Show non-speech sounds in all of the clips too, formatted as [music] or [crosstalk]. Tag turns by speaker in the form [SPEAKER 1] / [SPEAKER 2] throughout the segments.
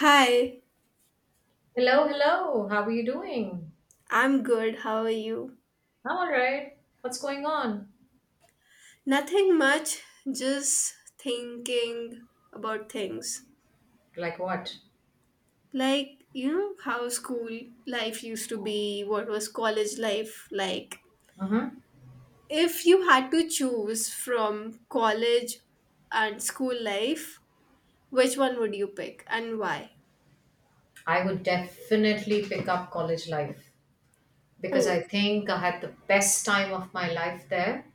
[SPEAKER 1] Hi,
[SPEAKER 2] Hello, hello. How are you doing?
[SPEAKER 1] I'm good. How are you?
[SPEAKER 2] I'm all right. What's going on?
[SPEAKER 1] Nothing much, just thinking about things.
[SPEAKER 2] Like what?
[SPEAKER 1] Like, you know, how school life used to be, what was college life like?
[SPEAKER 2] hmm
[SPEAKER 1] If you had to choose from college and school life, which one would you pick and why?
[SPEAKER 2] I would definitely pick up college life because I
[SPEAKER 1] Oh,
[SPEAKER 2] think I had the best time of my life there.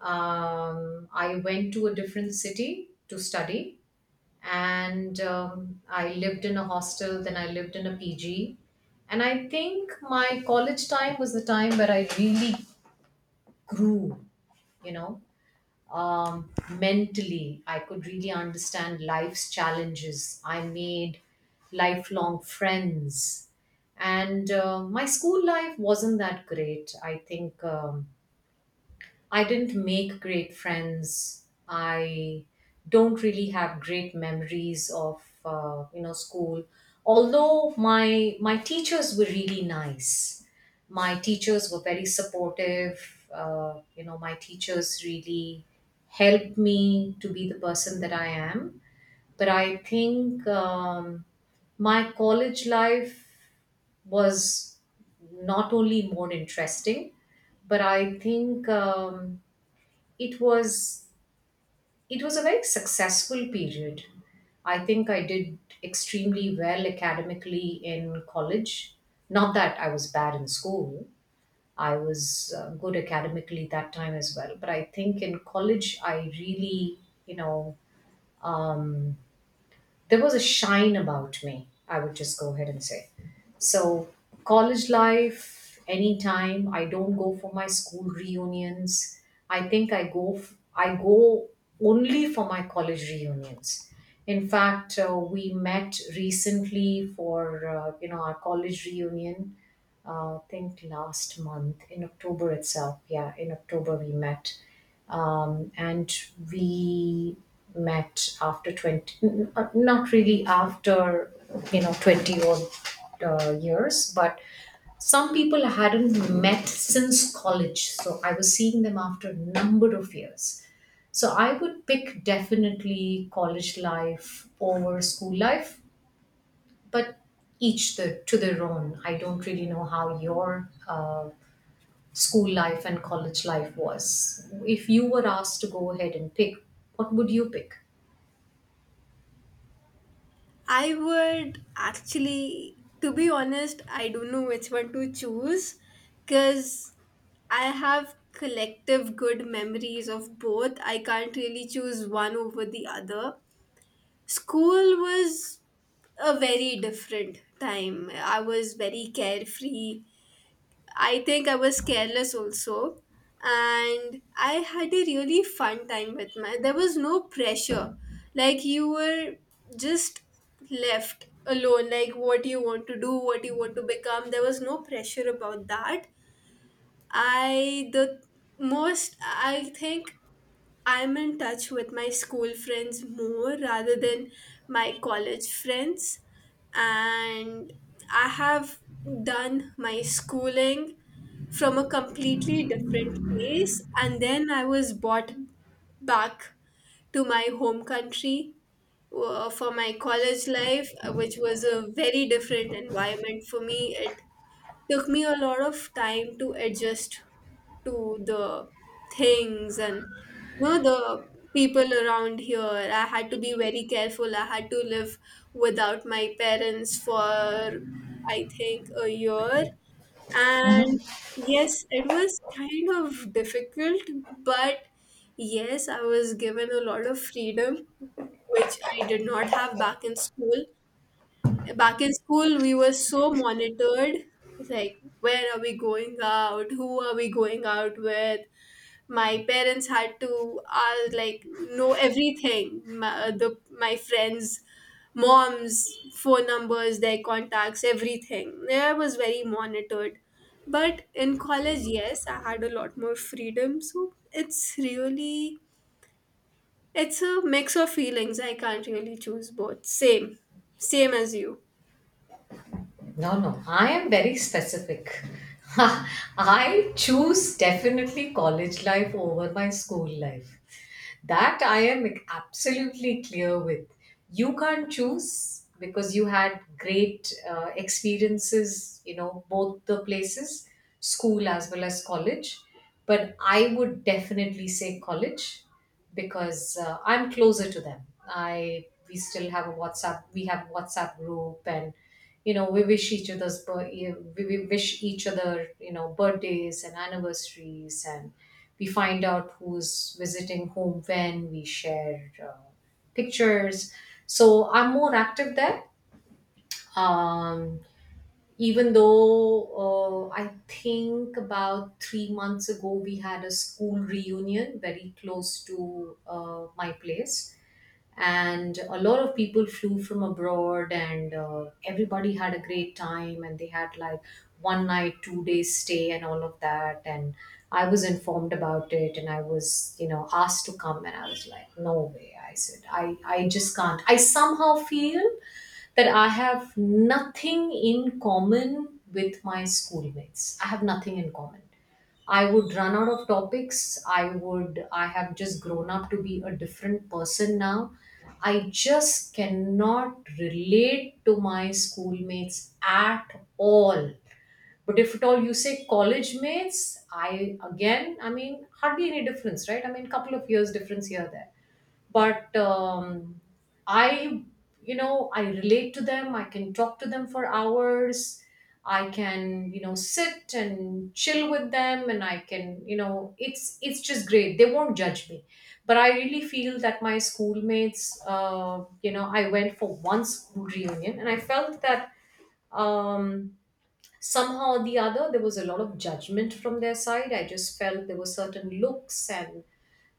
[SPEAKER 2] I went to a different city to study and I lived in a hostel, then I lived in a PG. And I think my college time was the time where I really grew, you know. Mentally, I could really understand life's challenges. I made lifelong friends, and my school life wasn't that great, I think. I didn't make great friends. I don't really have great memories of school. Although my teachers were really nice. My teachers were very supportive. My teachers really helped me to be the person that I am. But I think my college life was not only more interesting, but I think it was it was a very successful period. I think I did extremely well academically in college. Not that I was bad in school. I was good academically that time as well, but I think in college I really, you know um, there was a shine about me, I would just go ahead and say. So, college life, anytime. I don't go for my school reunions. I think I go, I go only for my college reunions. In fact, we met recently for our college reunion. I think last month in October itself. Yeah, in October we met and we met after 20, not really after, you know, 20 odd years, but some people I hadn't met since college. So I was seeing them after a number of years. So I would pick definitely college life over school life, but each the, to their own. I don't really know how your school life and college life was. If you were asked to go ahead and pick, what would you pick?
[SPEAKER 1] I would actually, to be honest, I don't know which one to choose because I have collective good memories of both. I can't really choose one over the other. School was a very different time. I was very carefree. I think I was careless also. And I had a really fun time with my. There was no pressure. Like you were just left alone, like what you want to do, what you want to become. There was no pressure about that. I the most, I think, I'm in touch with my school friends more rather than my college friends, and I have done my schooling from a completely different place, and then I was brought back to my home country for my college life, which was a very different environment for me. It took me a lot of time to adjust to the things and, you know, the people around here. I had to be very careful. I had to live without my parents for, I think, a year, and yes, it was kind of difficult, but yes, I was given a lot of freedom which I did not have back in school. Back in school, we were so monitored. It's like, where are we going out? Who are we going out with? My parents had to, like, know everything. My, the my friends' moms' phone numbers, their contacts, everything. Yeah, I was very monitored, but in college, yes, I had a lot more freedom. So it's really, it's a mix of feelings. I can't really choose, both same, same as you.
[SPEAKER 2] No, no, I am very specific. [laughs] I choose definitely college life over my school life. That I am absolutely clear with. You can't choose because you had great experiences, you know, both the places, school as well as college. But I would definitely say college because I'm closer to them. I We still have a WhatsApp, we have WhatsApp group, and you know we wish each other's. Yeah, we wish each other, you know, birthdays and anniversaries, and we find out who's visiting whom. When we share pictures, so I'm more active there. um, Even though, I think about 3 months ago we had a school reunion very close to my place, and a lot of people flew from abroad, and everybody had a great time, and they had like one night, 2 days stay and all of that. And I was informed about it, and I was, you know, asked to come, and I was like, no way. I said, I just can't. I somehow feel that I have nothing in common with my schoolmates. I have nothing in common. I would run out of topics. I would, I have just grown up to be a different person now. I just cannot relate to my schoolmates at all. But if at all you say college mates, I, again, I mean, hardly any difference, right? I mean, couple of years difference here, there, but I, you know, I relate to them. I can talk to them for hours. I can, you know, sit and chill with them, and I can, you know, it's just great. They won't judge me. But I really feel that my schoolmates, I went for one school reunion and I felt that um, somehow or the other there was a lot of judgment from their side. I just felt there were certain looks, and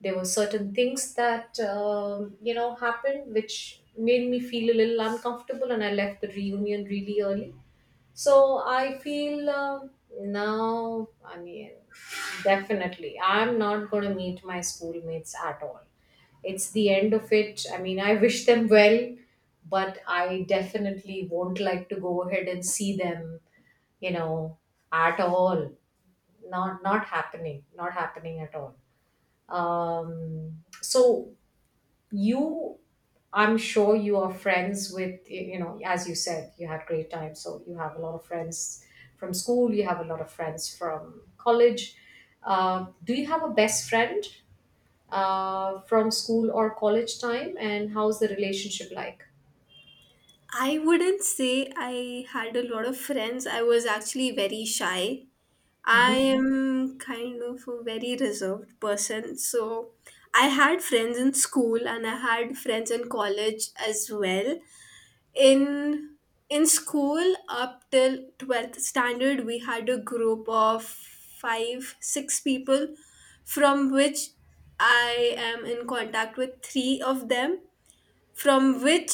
[SPEAKER 2] there were certain things that, you know, happened which made me feel a little uncomfortable, and I left the reunion really early. So I feel, now, I mean, definitely I'm not going to meet my schoolmates at all. It's the end of it. I mean, I wish them well, but I definitely won't like to go ahead and see them, you know, at all. Not happening, not happening at all. um so, you, I'm sure you are friends with, you know, as you said you had great time, so you have a lot of friends from school, you have a lot of friends from college. Do you have a best friend from school or college time, and how's the relationship like?
[SPEAKER 1] I wouldn't say I had a lot of friends. I was actually very shy. I
[SPEAKER 2] hmm
[SPEAKER 1] am kind of a very reserved person. So I had friends in school, and I had friends in college as well. In in school up till 12th standard, we had a group of 5 6 people, from which I am in contact with 3 of them, from which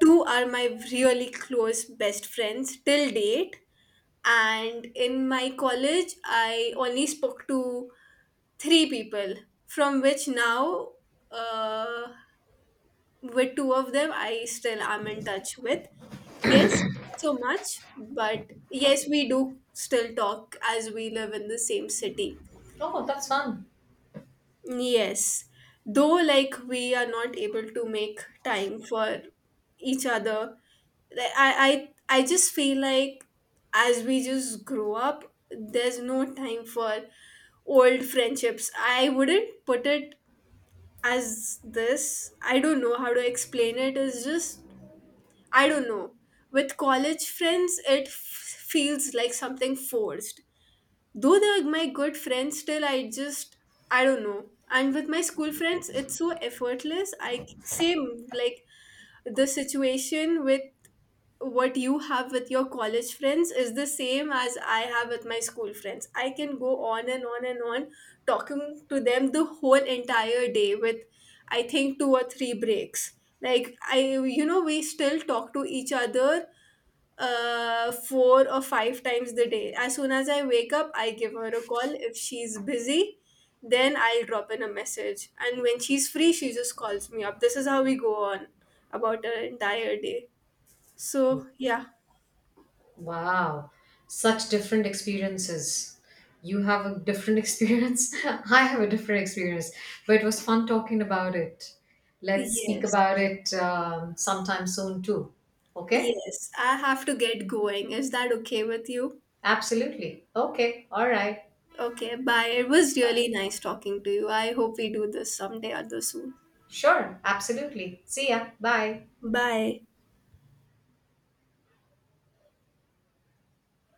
[SPEAKER 1] two are my really close best friends till date. And in my college, I only spoke to three people, from which now, uh, with two of them I still am in touch with. Yes, not so much, but yes, we do still talk as we live in the same city.
[SPEAKER 2] oh, that's fun.
[SPEAKER 1] Yes, though, like, we are not able to make time for each other. i i, I just feel like, as we just grow up, there's no time for old friendships. I wouldn't put it as this. I don't know how to explain it. It's just, I don't know. With college friends, it feels like something forced. Though they're my good friends, still, I just, I don't know. And with my school friends, it's so effortless. I same like the situation with what you have with your college friends is the same as I have with my school friends. I can go on and on and on talking to them the whole entire day with, I think, two or three breaks. Like, I, you know, we still talk to each other four or five times the day. As soon as I wake up, I give her a call. If she's busy, then I'll drop in a message. And when she's free, she just calls me up. This is how we go on about an entire day. So, yeah.
[SPEAKER 2] Wow, such different experiences. You have a different experience. [laughs] I have a different experience, but it was fun talking about it. Let's speak
[SPEAKER 1] Yes,
[SPEAKER 2] about it sometime soon too. Okay?
[SPEAKER 1] yes, I have to get going. Is that okay with you?
[SPEAKER 2] Absolutely. Okay. All right.
[SPEAKER 1] Okay, bye. It was really
[SPEAKER 2] Bye.
[SPEAKER 1] nice talking to you. I hope we do this someday or the soon.
[SPEAKER 2] Sure. Absolutely. See ya. Bye.
[SPEAKER 1] Bye.